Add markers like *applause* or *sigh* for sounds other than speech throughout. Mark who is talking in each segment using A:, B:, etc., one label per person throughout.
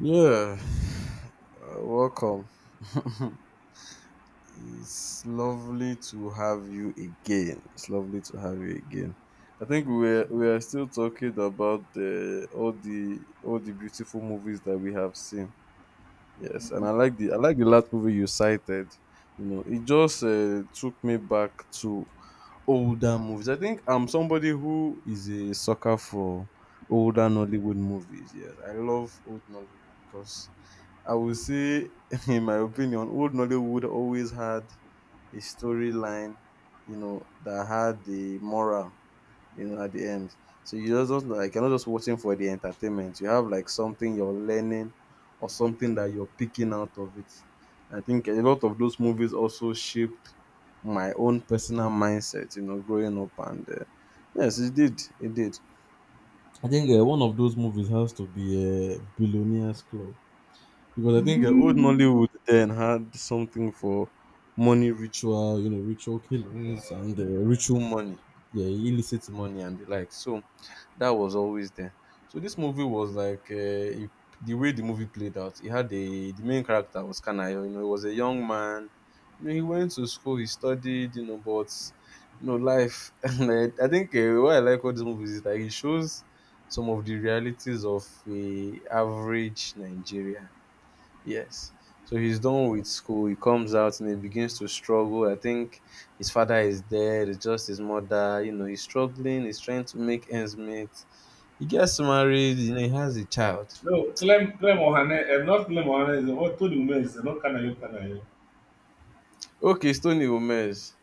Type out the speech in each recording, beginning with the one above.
A: Yeah, welcome. It's lovely to have you again. It's lovely to have you again. I think we are still talking about the all the all the beautiful movies that we have seen. Yes, and I like the last movie you cited. You know, it just took me back to older movies. I think I'm somebody who is a sucker for older Nollywood movies. Yes, I love old Nollywood because I would say, *laughs* in my opinion, old Nollywood always had a storyline, you know, that had the moral, you know, at the end. So you just don't like you're not just watching for the entertainment. You have like something you're learning or something that you're picking out of it. I think a lot of those movies also shaped my own personal mindset, you know, growing up and yes, it did. It did. I think one of those movies has to be Billionaires Club. Because I think old
B: No,
A: Nollywood then had something for money ritual, you know, ritual killings and ritual money. Yeah, illicit money and the like. So that was always there. So this movie was like it, the way the movie played out. It had a the main character was Kanayo. You know he was a young man. You know he went to school, he studied, you know, but you know life. *laughs* And I think what I like about this movie is that it shows some of the realities of a average Nigeria. Yes. So he's done with school. He comes out and he begins to struggle. I think his father is dead. It's just his mother. You know, he's struggling. He's trying to make ends meet. He gets married. You know, he has a child.
B: Clem, Clem Ohane, eh, not Clem Ohane, is what told the Ume is, eh, not Kanayo Kanayo.
A: Okay, Stony Gomez.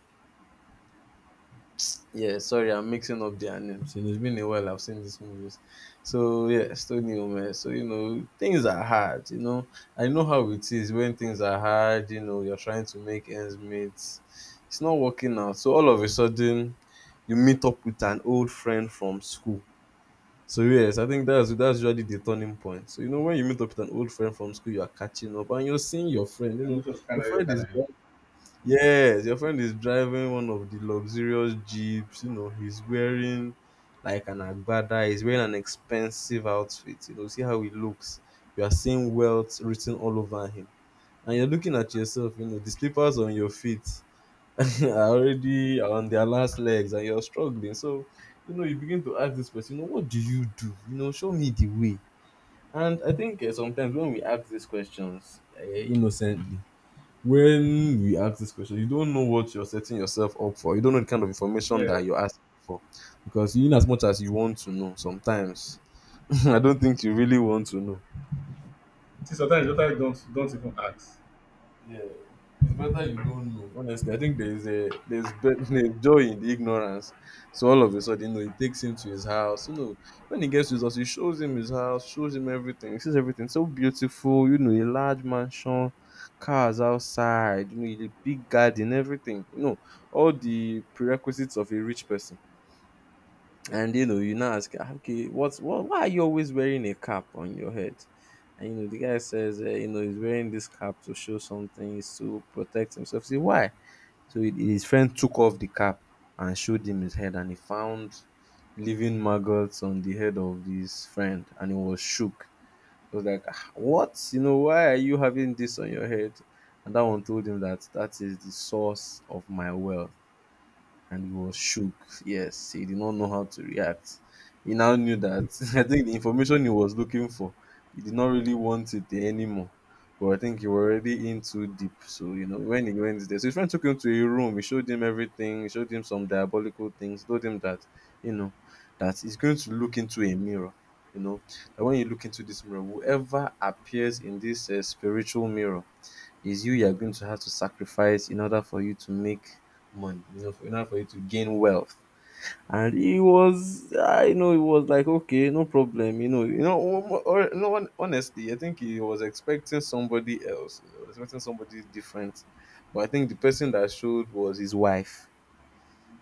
A: Yeah, sorry, I'm mixing up their names. You know, it's been a while I've seen these movies. So yeah, Stony Gomez. So you know, things are hard. You know, I know how it is when things are hard. You know, you're trying to make ends meet. It's not working out. So all of a sudden, you meet up with an old friend from school. So yes, I think that's usually the turning point. So you know when you meet up with an old friend from school, you are catching up and you're seeing your friend. You
B: I'm
A: know
B: not just
A: your
B: Kanayo
A: friend is
B: Kanayo.
A: dri- yes, your friend is driving one of the luxurious jeeps. You know he's wearing like an agbada. He's wearing an expensive outfit. You know see how he looks. You are seeing wealth written all over him, and you're looking at yourself. You know the slippers on your feet *laughs* are already on their last legs and you're struggling. So, you know, you begin to ask this person, you know, what do? You know, show me the way. And I think sometimes when we ask these questions innocently, when we ask this question, you don't know what you're setting yourself up for. You don't know the kind of information
B: Yeah.
A: that you're asking for. Because in as much as you want to know, sometimes *laughs* I don't think you really want to know.
B: See, sometimes don't even ask.
A: Yeah, it's better you don't know. Honestly, I think there's a there's, be- *laughs* there's joy in the ignorance. So all of a sudden, you know, he takes him to his house. You know, when he gets to his house, he shows him his house, shows him everything. He sees everything so beautiful. You know, a large mansion, cars outside. You know, a big garden, everything. You know, all the prerequisites of a rich person. And you know, you now ask, "Ah, okay, what's what? Why are you always wearing a cap on your head?" And you know, the guy says, you know, he's wearing this cap to show something, is to protect himself. See why? So his friend took off the cap and showed him his head, and he found living maggots on the head of his friend, and he was shook. He was like, "Ah, what? You know, why are you having this on your head?" And that one told him that that is the source of my wealth, and he was shook. Yes, he did not know how to react. He now knew that, *laughs* I think the information he was looking for, he did not really want it there anymore. But I think he was already in too deep. So, you know, when he went there, so his friend took him to a room. He showed him everything. He showed him some diabolical things. Told him that, you know, that he's going to look into a mirror. You know, that when you look into this mirror, whoever appears in this spiritual mirror is you. You're going to have to sacrifice in order for you to make money, you know, for, in order for you to gain wealth. And he was, I know, he was like, okay, no problem, you know, or, no one, honestly, I think he was expecting somebody else, you know, expecting somebody different. But I think the person that showed was his wife.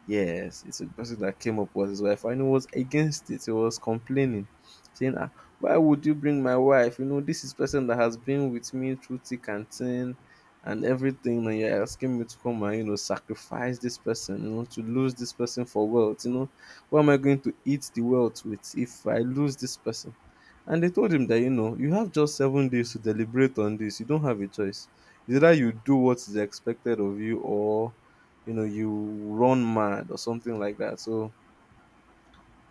A: Yes, it's a person that came up with his wife and he was against it. He was complaining, saying, ah, why would you bring my wife? You know, this is person that has been with me through thick and thin and everything. And you're asking me to come and, you know, sacrifice this person, you know, to lose this person for wealth. You know, what am I going to eat the wealth with if I lose this person? And they told him that, you know, you have just 7 days to deliberate on this. You don't have a choice. It's either you do what is expected of you or, you know, you run mad or something like that. So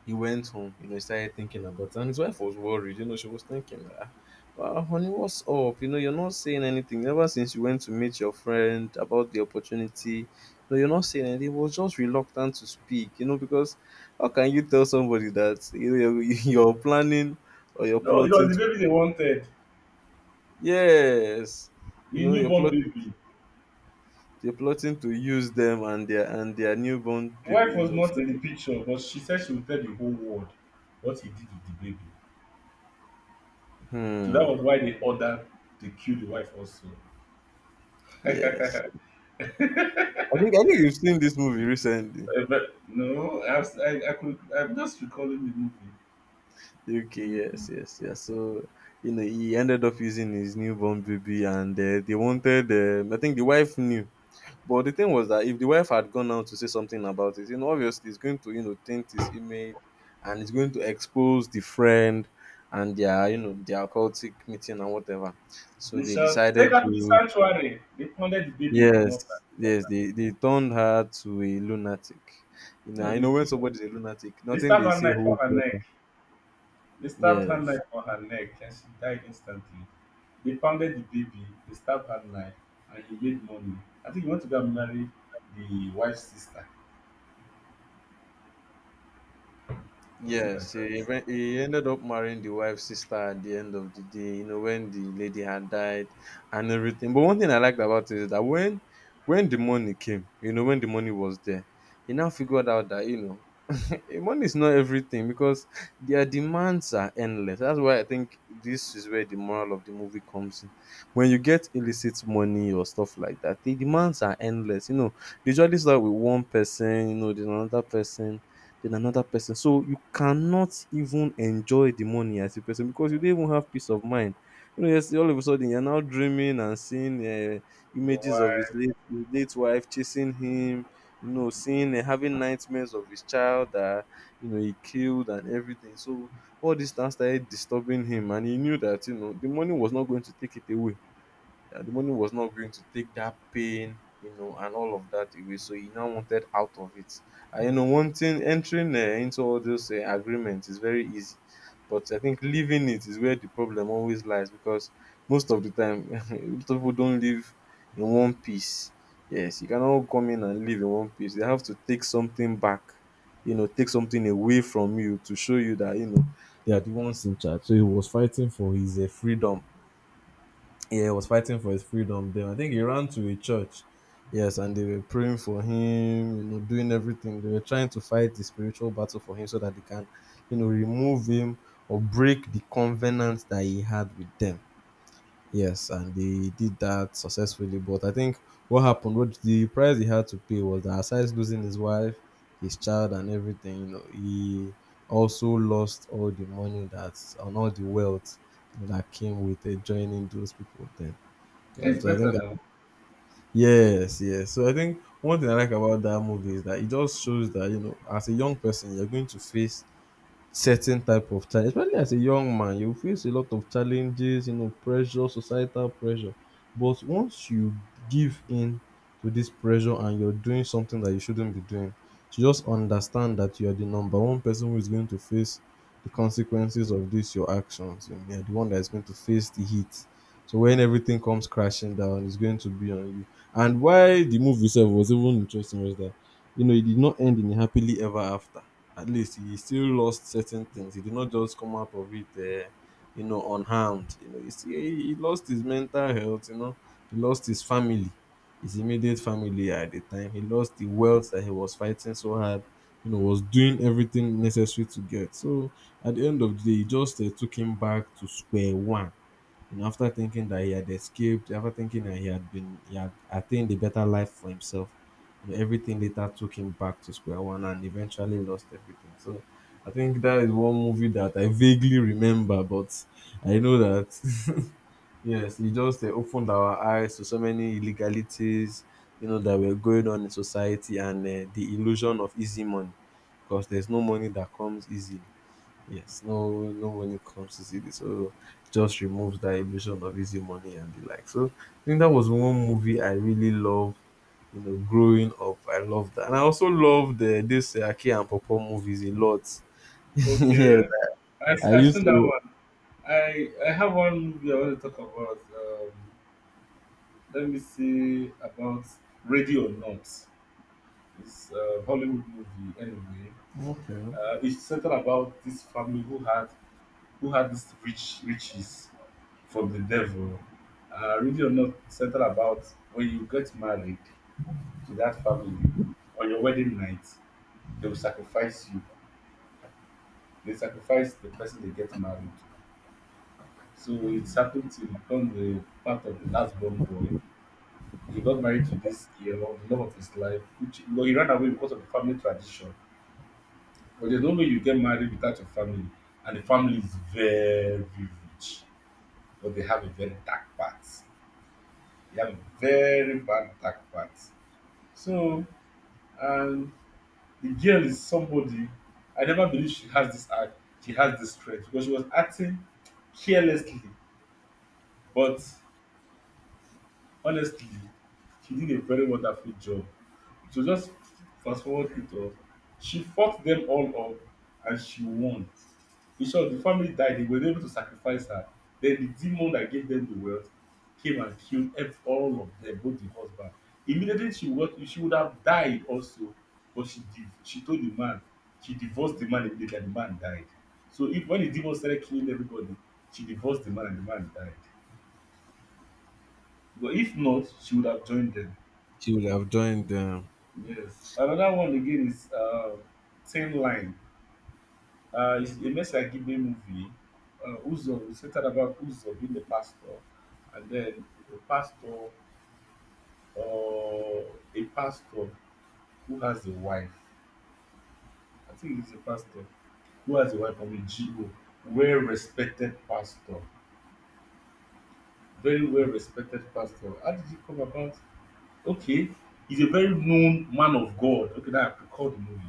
A: he went home, you know, he started thinking about it. And his wife was worried, you know, she was thinking, ah, well, honey, what's up? You know, you're not saying anything. Ever since you went to meet your friend about the opportunity, no, you're not saying anything. He was just reluctant to speak, you know, because how can you tell somebody that, you know, you're, *laughs* you're planning or you're
B: No, it was
A: plotting
B: the
A: to…
B: baby they wanted,
A: Yes, you
B: the
A: know you're
B: newborn
A: plotting,
B: baby.
A: you're plotting to use them and their newborn
B: The
A: baby,
B: wife
A: you
B: was
A: know.
B: not
A: For,
B: in the picture, but she said she would tell the whole world what he did with the baby. So that
A: hmm.
B: was why they ordered to kill the wife also.
A: Yes,
B: *laughs*
A: I think you've seen this movie recently.
B: But no, I could, I'm just recalling the
A: Okay, yes, yes,
B: movie.
A: yes, yeah. So you know he ended up using his newborn baby, and they wanted. I think the wife knew. But the thing was that if the wife had gone out to say something about it, you know, obviously it's going to, you know, taint his image and it's going to expose the friend and their, you know, their occultic meeting and whatever. So
B: They
A: they
B: shall take
A: decided
B: her to the
A: to,
B: sanctuary. They pounded the baby on the mortar.
A: yes, yes, they turned her to a lunatic. You know,
B: No,
A: I
B: they
A: know when
B: keep her.
A: somebody's a lunatic,
B: They
A: nothing
B: stabbed
A: they
B: her
A: say
B: knife for
A: holds
B: her neck.
A: water.
B: They stabbed her
A: Yes.
B: knife for her neck and she died instantly. They pounded the baby. They stabbed her knife and he made money. I think he went to go and marry the wife's sister. Something
A: Yes,
B: like that.
A: he ended up marrying the wife's sister at the end of the day, you know, when the lady had died and everything. But one thing I liked about it is that when the money came, you know, when the money was there, he now figured out that, you know, *laughs* money is not everything because their demands are endless. That's why I think this is where the moral of the movie comes in. When you get illicit money or stuff like that, the demands are endless. You know, they usually start with one person, you know, then another person, then another person. So you cannot even enjoy the money as a person because you don't
B: Yeah.
A: even have peace of mind. You know, yes, all of a sudden you're now dreaming and seeing
B: Your
A: images of
B: wife.
A: his late wife chasing him, you know, seeing and having nightmares of his child that you know he killed and everything. So all this now started disturbing him, and he knew that you know the money was not going to take it away. The money was not going to take that pain, you know, and all of that away. So he now wanted out of it. And you know, wanting entering into all those agreements is very easy, but I think leaving it is where the problem always lies because most of the time, *laughs* most people don't live in one piece. Yes, you cannot come in and live in one piece. They have to take something back, you know, take something away from you to show you that you know they are the ones in charge. So he was fighting for his freedom. Yeah, he was fighting for his freedom then. I think he ran to a church. Yes, and they were praying for him, doing everything. They were trying to fight the spiritual battle for him so that they can, remove him or break the covenant that he had with them. Yes, and they did that successfully. But I think what the price he had to pay was that aside losing his wife, his child, and everything, you know, he also lost all the money that's and all the wealth that came with joining those people then. You
B: Hey,
A: know,
B: it's
A: so I
B: better
A: think that
B: now.
A: yes, yes. So I think one thing I like about that movie is that it just shows that you know, as a young person, you're going to face certain type of challenge, especially as a young man, you face a lot of challenges, you know, pressure, societal pressure. But once you give in to this pressure and you're doing something that you shouldn't be doing, you just understand that you are the number one person who is going to face the consequences of this, your actions. You know, you're the one that is going to face the heat. So when everything comes crashing down, it's going to be on you. And why the movie itself was even interesting was that you know, it did not end in a happily ever after. At least he still lost certain things. He did not just come out of it, you know, unharmed. You know, he, still, he lost his mental health. You know, he lost his family, his immediate family at the time. He lost the wealth that he was fighting so hard. You know, was doing everything necessary to get. So at the end of the day, he just took him back to square one. You know, after thinking that he had escaped, after thinking that he had attained a better life for himself, you know, everything later took him back to square one and eventually lost everything. So I think that is one movie that I vaguely remember, but I know that *laughs* yes, it just opened our eyes to so many illegalities, you know, that were going on in society and the illusion of easy money, because there's no money that comes easily. Yes, no, no money comes easily, so just removes that illusion of easy money and the like. So I think that was one movie I really loved. You know, growing up, I loved that, and I also loved this Aki and Popo movies a lot. *laughs* yes,
B: Okay. I,
A: I
B: I've
A: used
B: seen that
A: to.
B: one. I have one movie I want to talk about. Let me see about Radio Not. It's a Hollywood movie anyway.
A: Okay.
B: It's centered about this family who had this rich riches from the devil. Really or not centered about when you get married to that family on your wedding night, they will sacrifice you. They sacrifice the person they get married to. So it's happened to become the part of the last born boy. He got married to this girl, the love of his life, which well, he ran away because of the family tradition. But there's no way you get married without your family. And the family is very rich, but they have a very dark part. They have a very bad dark part. So, and the girl is somebody I never believe she has this act. She has this strength because she was acting carelessly, but honestly, she did a very wonderful job. So just fast forward it up. She fought them all up, and she won. In short, the family died, they were able to sacrifice her. Then the demon that gave them the wealth came and killed ev- all of them, both the husband. Immediately she would have died also, but she told the man, she divorced the man immediately and the man died. So if when the demon started killing everybody, she divorced the man and the man died. But if not, she would have joined them.
A: She would have joined them.
B: Yes. Another one again is Thin Line. It's a Mesa Gimbe movie. Uzo is centered about Uzo being the pastor, and then the pastor or a pastor who has a wife. I think he's a pastor who has a wife from a GO, well respected pastor, very well respected pastor. How did it come about? Okay. He's a very known man of God. Okay, that I recall the movie.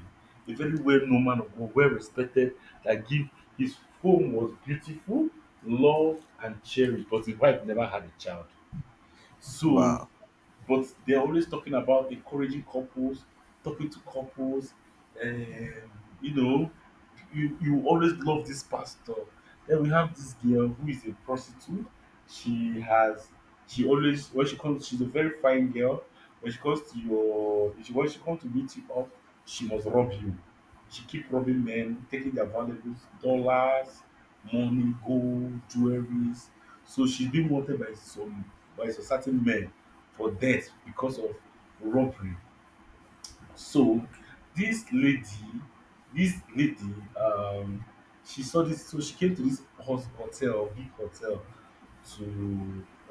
B: A very well-known man of God, well-respected, that give his home was beautiful, loved and cherished, but his wife never had a child. So
A: Wow.
B: but they're always talking about encouraging couples, talking to couples, and you know, you always love this pastor. Then we have this girl who is a prostitute. She has she always when she comes she's a very fine girl. When she comes to your when she comes to meet you up, she must rob you. She keep robbing men, taking their valuables, dollars, money, gold, jewelries. So she's being wanted by some certain men for death because of robbery. So this lady, this lady, she saw this, so she came to this hotel, big hotel, to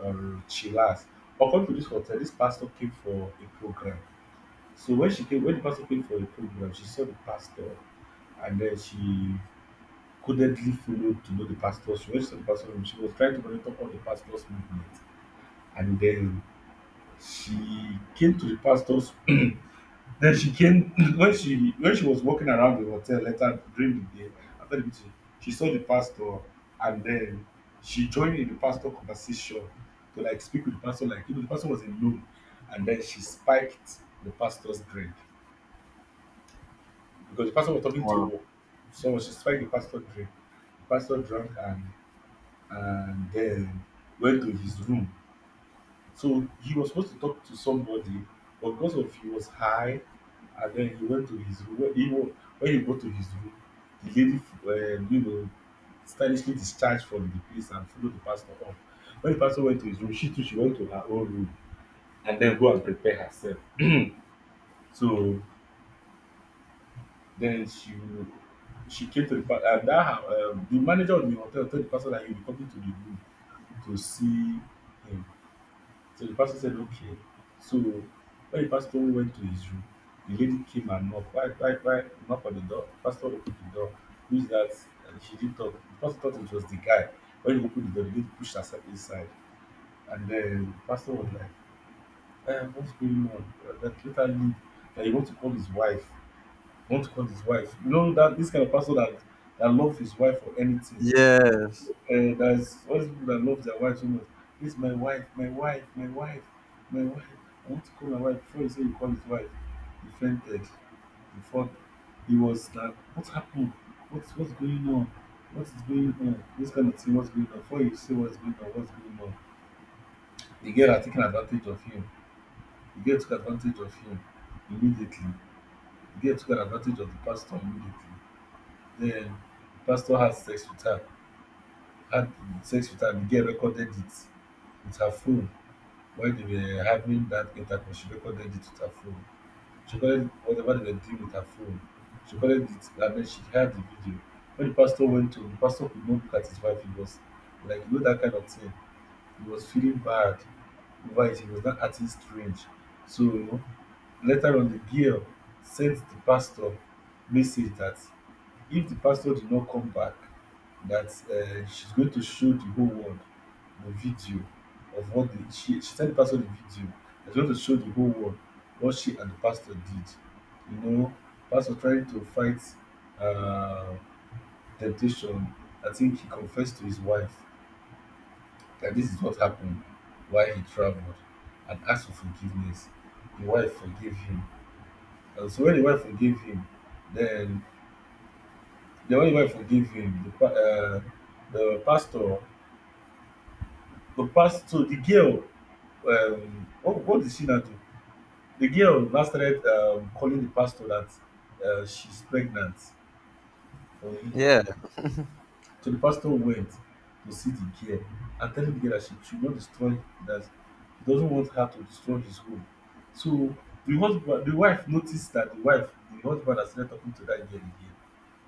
B: chillax. According to this hotel, this pastor came for a program. So when she came, when the pastor came for a program, she saw the pastor, and then she codedly followed to know the pastor. She went to the pastor room. She was trying to monitor all the pastor's movement, and then she came to the pastor's *clears throat* Then she came *laughs* when she was walking around the hotel later during the day after the meeting. She saw the pastor, and then she joined in the pastor conversation to like speak with the pastor. Like you know, the pastor was alone, and then she spiked the pastor's drink because the pastor was talking
A: Wow.
B: to someone. She spiked the pastor drink. The pastor drank and then went to his room. So he was supposed to talk to somebody, but because of he was high, and then he went to his room. When when he got to his room, the lady, you know, stylishly discharged from the place and followed the pastor up. When the pastor went to his room, she too she went to her own room and then go and prepare herself. So then she came to the and that her, the manager of the hotel told the pastor that he will be coming to the room to see him. So the pastor said, okay. So when the pastor went to his room, the lady came and knocked. Why knock on the door? Pastor opened the door. Who's that? And she didn't talk. The pastor thought it was the guy. When he opened the door, the lady pushed herself inside. And then the pastor was like, eh, what's going on? That later leave. That he want to call his wife. He want to call his wife. You know that this kind of pastor that love his wife for anything.
A: Yes.
B: That's all these people that love their wives so much. This is my wife, my wife, my wife, my wife. I want to call my wife before you say you call his wife. He fainted. Before he was like, what happened? What's going on? What is going on? This kind of thing, what's going on? Before you say what's going on, what's going on? The girl are taking advantage of him. The girl took advantage of him immediately. The girl took advantage of the pastor immediately. Then the pastor had sex with her, had sex with her, the girl recorded it with her phone. While they were having that intercourse, she recorded it with her phone. She recorded whatever they were doing with her phone. She recorded it and then she had the video. When the pastor went home, the pastor could not look at his wife. He was like, you know, that kind of thing. He was feeling bad over it. He was not acting strange. So later on, the girl sent the pastor message that if the pastor did not come back, that she's going to show the whole world the video of what the, she sent the pastor the video. She's going to show the whole world what she and the pastor did. You know, pastor trying to fight uh, temptation. I think he confessed to his wife that this is what happened while he traveled and asked for forgiveness. The wife forgave him. And so when the wife forgave him, then the one wife forgive him. The the pastor, the pastor, the girl. What did she now do? The girl now started calling the pastor that she's pregnant for him.
A: Yeah.
B: So the pastor went to see the girl and telling the girl that she should not destroy that he doesn't want her to destroy his home. So the husband, the wife noticed that the wife, the husband has started talking to that girl again.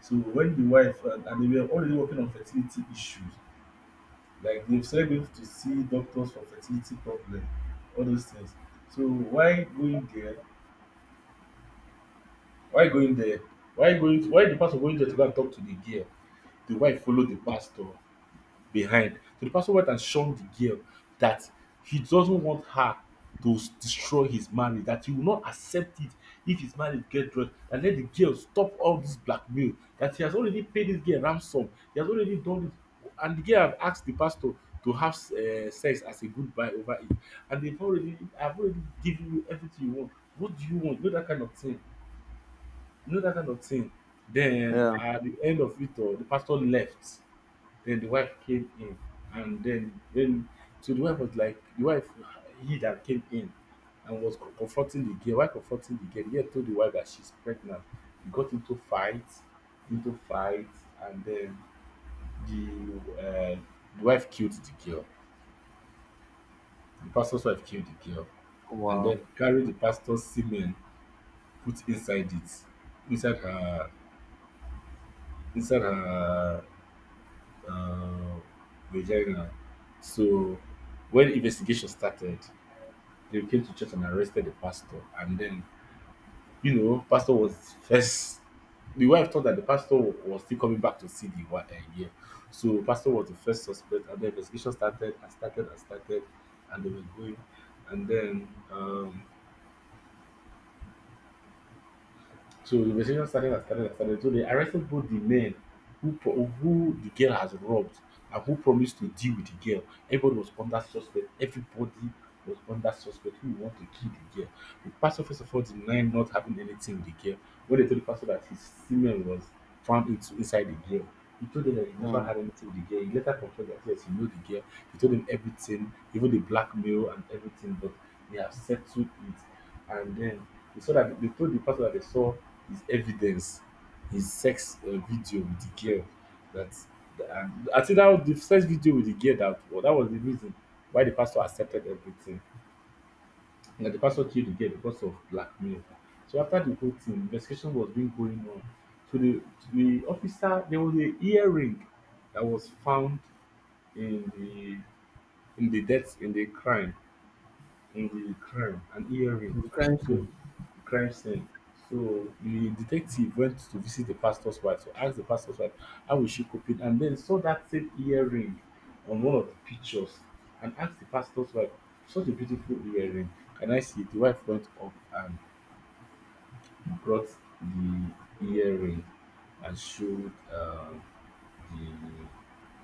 B: So when the wife and they were already working on fertility issues, like they've started going to see doctors for fertility problem, all those things. So why going there? Why going there? Why going? Why the pastor going there to go and talk to the girl? The wife follow the pastor behind. So the pastor went and shunned the girl that he doesn't want her to destroy his marriage, that he will not accept it if his marriage get dropped, and let the girl stop all this blackmail, that he has already paid this girl ransom, he has already done it, and the girl have asked the pastor to have sex as a goodbye over it, and they've already, I've already given you everything you want. What do you want? You know that kind of thing. You know that kind of thing. Then
A: Yeah.
B: at the end of it all, the pastor left then the wife came in, and then so the wife was like the wife he that came in and was comforting the girl. While comforting the girl told the wife that she's pregnant. They got into fights, and then the uh, the wife killed the girl. The pastor's wife killed the girl, and
A: Wow.
B: then carried the pastor's semen put inside it, inside her inside her uh, vagina. So when investigation started, they came to church and arrested the pastor. And then, you know, pastor was first. The wife thought that the pastor was still coming back to see the wife again. So pastor was the first suspect, and the investigation started and started and started, and they were going. And then so the investigation started and started and started. So they arrested both the men who the girl has robbed and who promised to deal with the girl. Everybody was under suspect. Everybody was under suspect who want to kill the girl. The pastor first of all denied not having anything with the girl. When they told the pastor that his semen was found into, inside the girl, he told them that he never had anything with the girl. He later confessed that yes, he knew the girl. He told them everything, even the blackmail and everything, but they have settled it. And then they saw that they told the pastor that they saw his evidence, his sex video with the girl. That and I think that was the first video with the girl that well, that was the reason why the pastor accepted everything. And that the pastor killed the girl because of blackmail. So after the whole thing, investigation was being going on. So the to the officer there was a earring that was found in the in the death in the crime an earring,
A: The crime
B: so
A: scene.
B: the crime scene so the detective went to visit the pastor's wife to ask the pastor's wife how was she coping and then saw that same earring on one of the pictures and asked the pastor's wife such a beautiful earring can I see it?" The wife went up and brought the earring and showed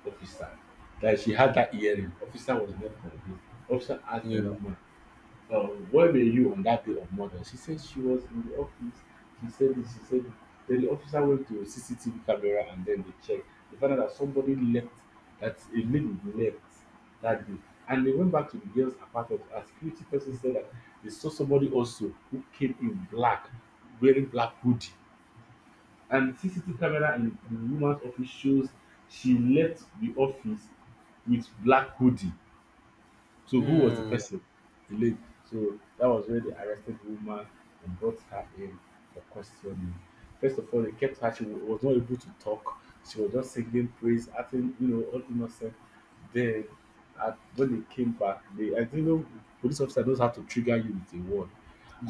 B: the officer that she had that earring. Officer was not convinced. Officer asked the
A: Yeah.
B: woman, "Where were you on that day of murder?" She said she was in the office. She said this, she said that. Then the officer went to a CCTV camera and then they checked. They found out that somebody left, that a lady left that day. And they went back to the girl's apartment. A security person said that they saw somebody also who came in black, wearing black hoodie. And CCTV camera in the woman's office shows she left the office with black hoodie. So who was the
A: Mm,
B: person? The lady. So that was where they arrested the woman and brought her in for questioning. First of all, they kept her. Was not able to talk. She was just singing praise, acting, you know, all innocent. Then, at, when they came back, they, I think, you know, police officer knows how to trigger you with a word.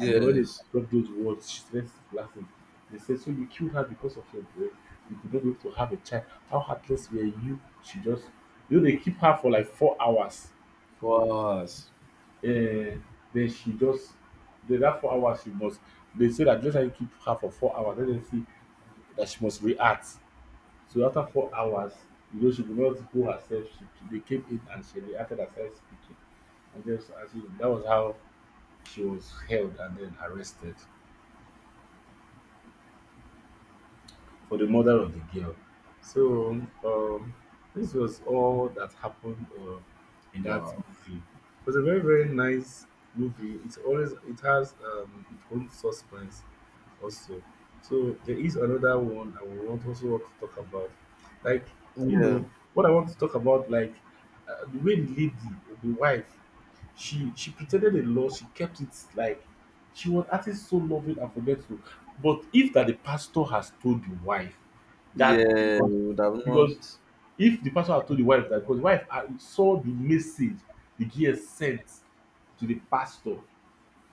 B: And then when they dropped those words, she started laughing. They said, "So you killed her because of your brain. You could not be able to have a child. How heartless were you?" She just, you know, they keep her for like 4 hours.
A: For us.
B: Uh, then she just the, that 4 hours she must, they say that, let's say you keep her for 4 hours. Then they see that she must react, so after 4 hours you know she could not hold herself. She they came in and she reacted as I speaking and just as you, that was how she was held and then arrested for the murder of the girl. So um this was all that happened in that
A: Wow.
B: movie. It was a very very nice movie. It's always, it has its own suspense also. So there is another one I would want also want to talk about. Like, you
A: Yeah.
B: know, what I want to talk about, like the way the lady, the wife, she pretended a lot, she kept it like she was acting so loving and forgetful. But if that the pastor has told the wife that,
A: Yeah. We would have
B: because
A: not.
B: if the pastor had told the wife that, because the wife saw the message the girl sent to the pastor,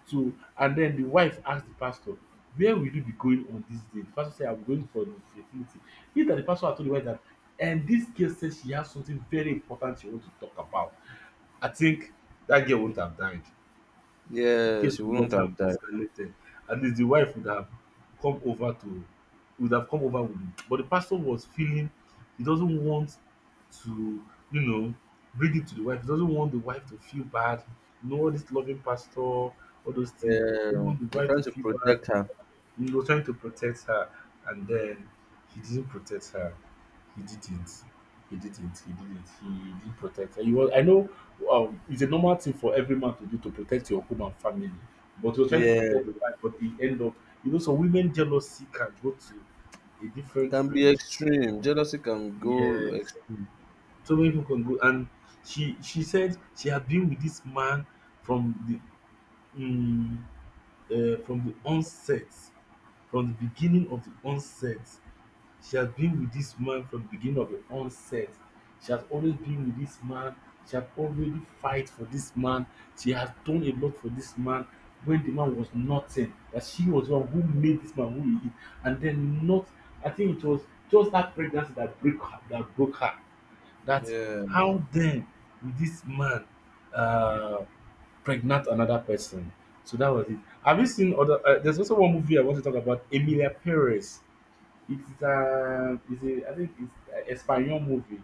B: so and then the wife ask the pastor, "Where will you be going on this day?" The pastor said, "I am going for the fertility." It that the pastor had told the wife that, and this girl says she has something very important she wants to talk about. I think that girl will not have died, the
A: Yeah, she
B: case would
A: wouldn't
B: not have
A: have died.
B: escalated. At least the wife would have come over to, would have come over with it. But the pastor was feeling he doesn't want to, you know, bring it to the wife. He doesn't want the wife to feel bad. You know, all this loving pastor, all those things. He don't
A: Yeah,
B: want the
A: we're
B: wife
A: trying
B: to
A: to
B: feel bad.
A: protect her.
B: He was trying to protect her, and then he didn't protect her. He didn't. He didn't. He didn't. He didn't protect her. He was, I know it's a normal thing for every man to do to protect your home and family, but he was trying to
A: Yeah,
B: protect the wife, but he ended up, you know, some women jealousy can go to a different
A: can be
B: range.
A: extreme. Jealousy can go
B: Yes.
A: extreme.
B: So many people can go, and she said she had been with this man from the um, from the onset, from the beginning of the onset. She has been with this man from the beginning of the onset. She has always been with this man. She has already fight for this man. She has done a lot for this man when the man was nothing. That she was the one who made this man who he is. And then not, I think it was just that pregnancy that break her, that broke her. That
A: Yeah,
B: how then will this man uh, pregnant another person? So that was it. Have you seen other? There's also one movie I want to talk about, Emilia Perez. I think it's a Espanol movie,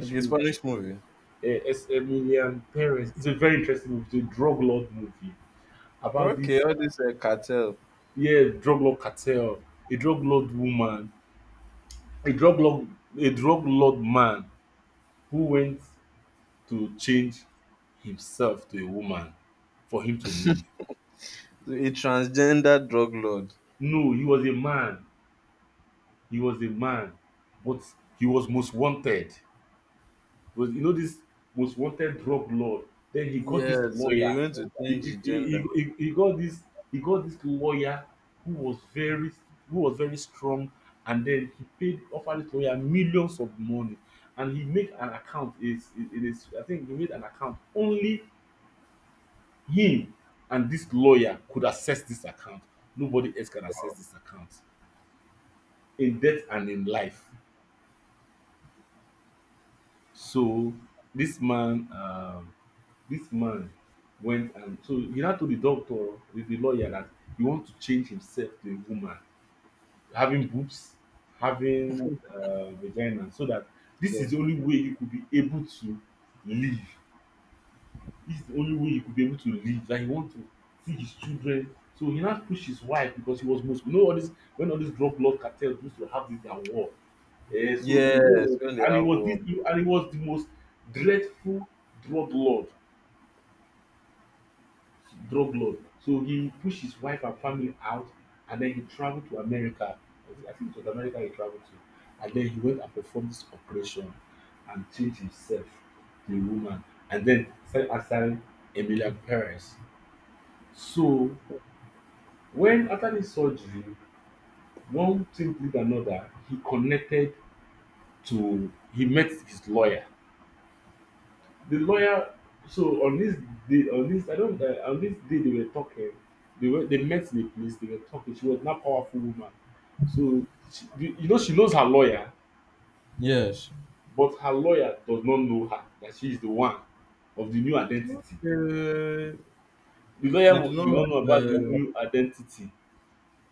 A: like a
B: movie.
A: Spanish movie.
B: Es Emilian Perez. It's a very interesting movie. It's a drug lord movie about
A: Okay,
B: this,
A: all this cartel,
B: yeah, drug lord cartel, a drug lord woman, a drug lord, a drug lord man who went to change himself to a woman for him to live.
A: a transgender drug lord.
B: No, he was a man. He was a man, but he was most wanted. Was you know this most wanted drug lord. Then he got this
A: Yeah, so he
B: lawyer.
A: went to
B: He,
A: change
B: he,
A: his
B: he,
A: gender.
B: he, he got this he got this lawyer who was very who was very strong and then he paid offered this lawyer millions of money and he made an account, is it, is I think he made an account only him and this lawyer could access this account. Nobody else can access this account in death and in life. So this man this man went and so he now told the lawyer that he want to change himself to a woman, having boobs, having vagina, so that this is
A: Yes,
B: the only way you could be able to live, this is the only way you could be able to live. That he want to see his children, so he now push his wife because he was muslim, you know all this when all this drug lord cartel used to have this their war. Eh, so the
A: yes,
B: whole
A: when they
B: and it
A: have
B: was
A: war.
B: this and it was the most dreadful drug lord drug lord. So he pushed his wife and family out and then he traveled to America. I think it was America he traveled to. And then he went and performed this operation and changed himself to a woman and then started answering Emilia Perez. So when after the surgery, one thing did another, he connected to, he met his lawyer, the lawyer. So on this day, on this I don't on this day they were talking, they were, they met in the police. They were talking, she was not powerful woman, so she, you know she knows her lawyer,
A: Yes.
B: but her lawyer does not know her, that she is the one of the new identity.
A: Uh, they do
B: Did
A: not
B: not know about
A: have,
B: the new identity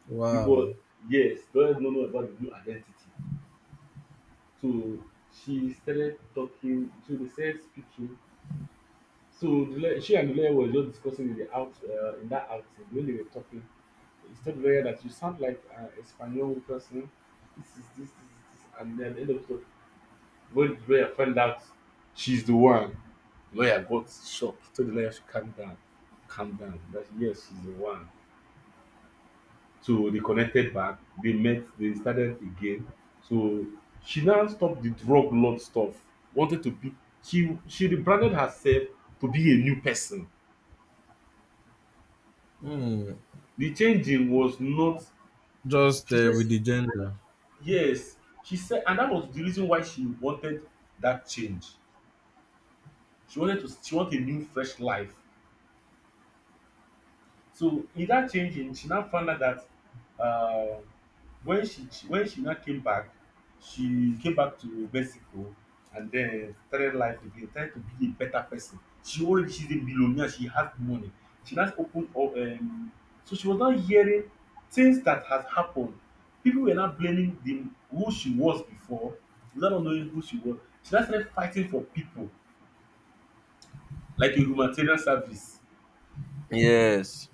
A: wow.
B: because, yes, the lawyer did not know about the new identity. So she started talking, so they started speaking. So the lawyer, she and the lawyer were just discussing in the out in that outing. When they were talking, it's told lawyer that you sound like an Espanol person. This is this, this is this. And then end of the, when the lawyer found out she's the one, the lawyer got shocked. He told the lawyer to calm down, calm down. That yes, she's the one. So they connected back. They met. They started again. So she now stopped the drug lord stuff. Wanted to be. She rebranded herself to be a new person.
A: Hmm.
B: The changing was not.
A: Just
B: She said
A: with the gender.
B: yes, she said, and that was the reason why she wanted that change. She wanted to she want a new fresh life. So in that changing, she now found out that um, when when she now came back, she came back to Mexico and then started life again, tried to be a better person. She's a billionaire. She has money. She now opened up. So she was now hearing things that has happened. People were now blaming the who she was before, without not knowing who she was. She now started fighting for people like a humanitarian service,
A: Yes.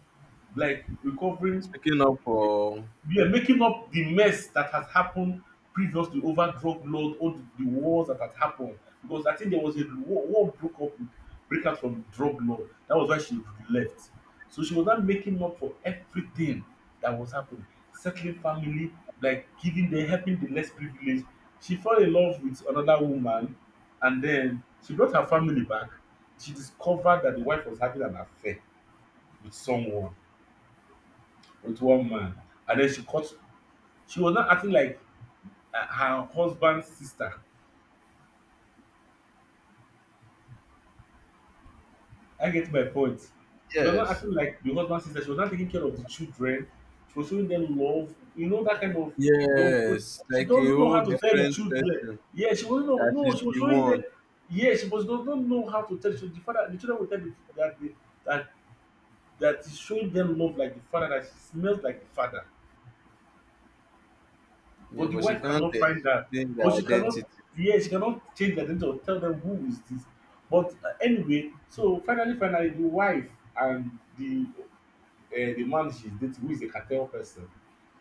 B: like recovering,
A: Speaking up for
B: we are making up the mess that has happened previously over drug laws, all the wars that had happened, because I think there was a war, war broke up with break out from drug law. That was why she left, so she was not making up for everything that was happening, settling family, like giving them, helping the less privileged. She fell in love with another woman and then she brought her family back. She discovered that the wife was having an affair with someone, with one man, and then she caught. She was not acting like her husband's sister. I get my point. She was not
A: yes.
B: acting like the husband's sister. She was not taking care of the children. She was showing them love. You know, that kind of love. But
A: Yes,
B: she
A: like a
B: doesn't know
A: whole
B: how to tell the
A: different
B: children.
A: person.
B: Yeah, she wasn't know.
A: That
B: No,
A: she's
B: she was
A: the
B: showing them.
A: one.
B: Yeah, she was does not know how to tell. So the father, the children will tell that that is showing them love like the father. That she smells like the father.
A: Yeah,
B: But the
A: but she
B: wife
A: can't
B: cannot find out.
A: explain
B: But
A: the
B: she
A: identity.
B: cannot, yes, she cannot change their identity or tell them who is this. But anyway, so finally, the wife and uh, the man she's dating, who is a cartel person,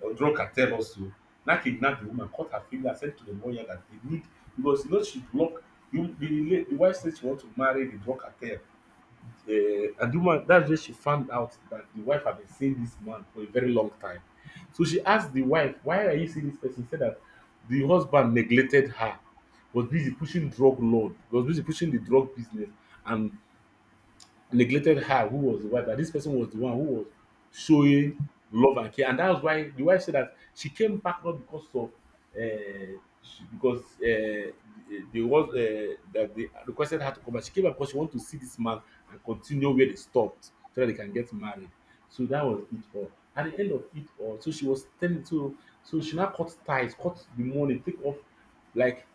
B: or drug cartel also, now kidnap the woman, cut her finger, and send to the lawyer that they need, because you know she block. You, the wife said she want to marry the drug cartel, uh, and the woman, that's where she found out that the wife had been seeing this man for a very long time. So she asked the wife, why are you seeing this person? She said that the husband neglected her, was busy pushing drug lord, was busy pushing the drug business and neglected her, who was the wife, and this person was the one who was showing love and care. And that was why the wife said that she came back, not because of because they was that they requested her to come back. She came back because she wanted to see this man and continue where they stopped, so that they can get married. So that was it all. At the end of it all, so she was telling, so she now cut ties, cut the money, take off, like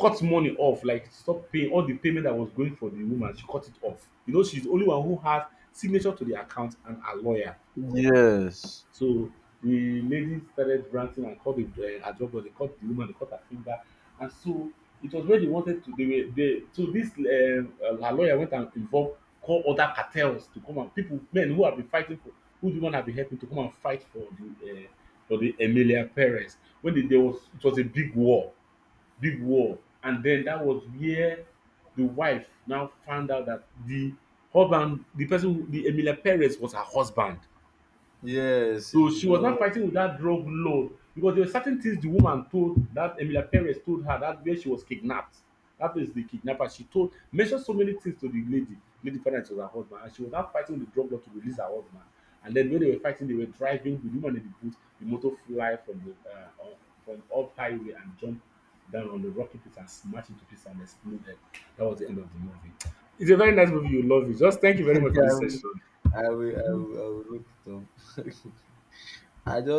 B: cut money off, like stop paying all the payment that was going for the woman. She cut it off, you know. She's the only one who has signature to the account and a lawyer.
A: Yes.
B: So the lady started ranting and called the ajobo. They cut the woman, they cut her finger. And so it was where they wanted to, they were, they, so this her lawyer went and involved, call other cartels to come, and people, men who have been fighting for, who the woman have been helping, to come and fight the uh, for the emilia perez. When the, there was, it was a big war, big war. And then that was where the wife now found out that the husband, the person who, the Emilia Perez was her husband.
A: Yes,
B: So
A: you
B: she was
A: know.
B: not fighting with that drug lord, because there were certain things the woman told, that Emilia Perez told her, that where she was kidnapped. That place the kidnapper. She told, mentioned so many things to the lady. Lady parents was her husband, and she was not fighting with the drug lord to release her husband. And then when they were fighting, they were driving the woman in the boot. The motor fly from the from up highway and jump down on the rocky pit and smash into pieces and exploded. That was the end of the movie. It's a very nice movie. You love it. Just thank you
A: *laughs*
B: very much for
A: I
B: this
A: will,
B: session.
A: I will, I will, I will look it up. *laughs* I just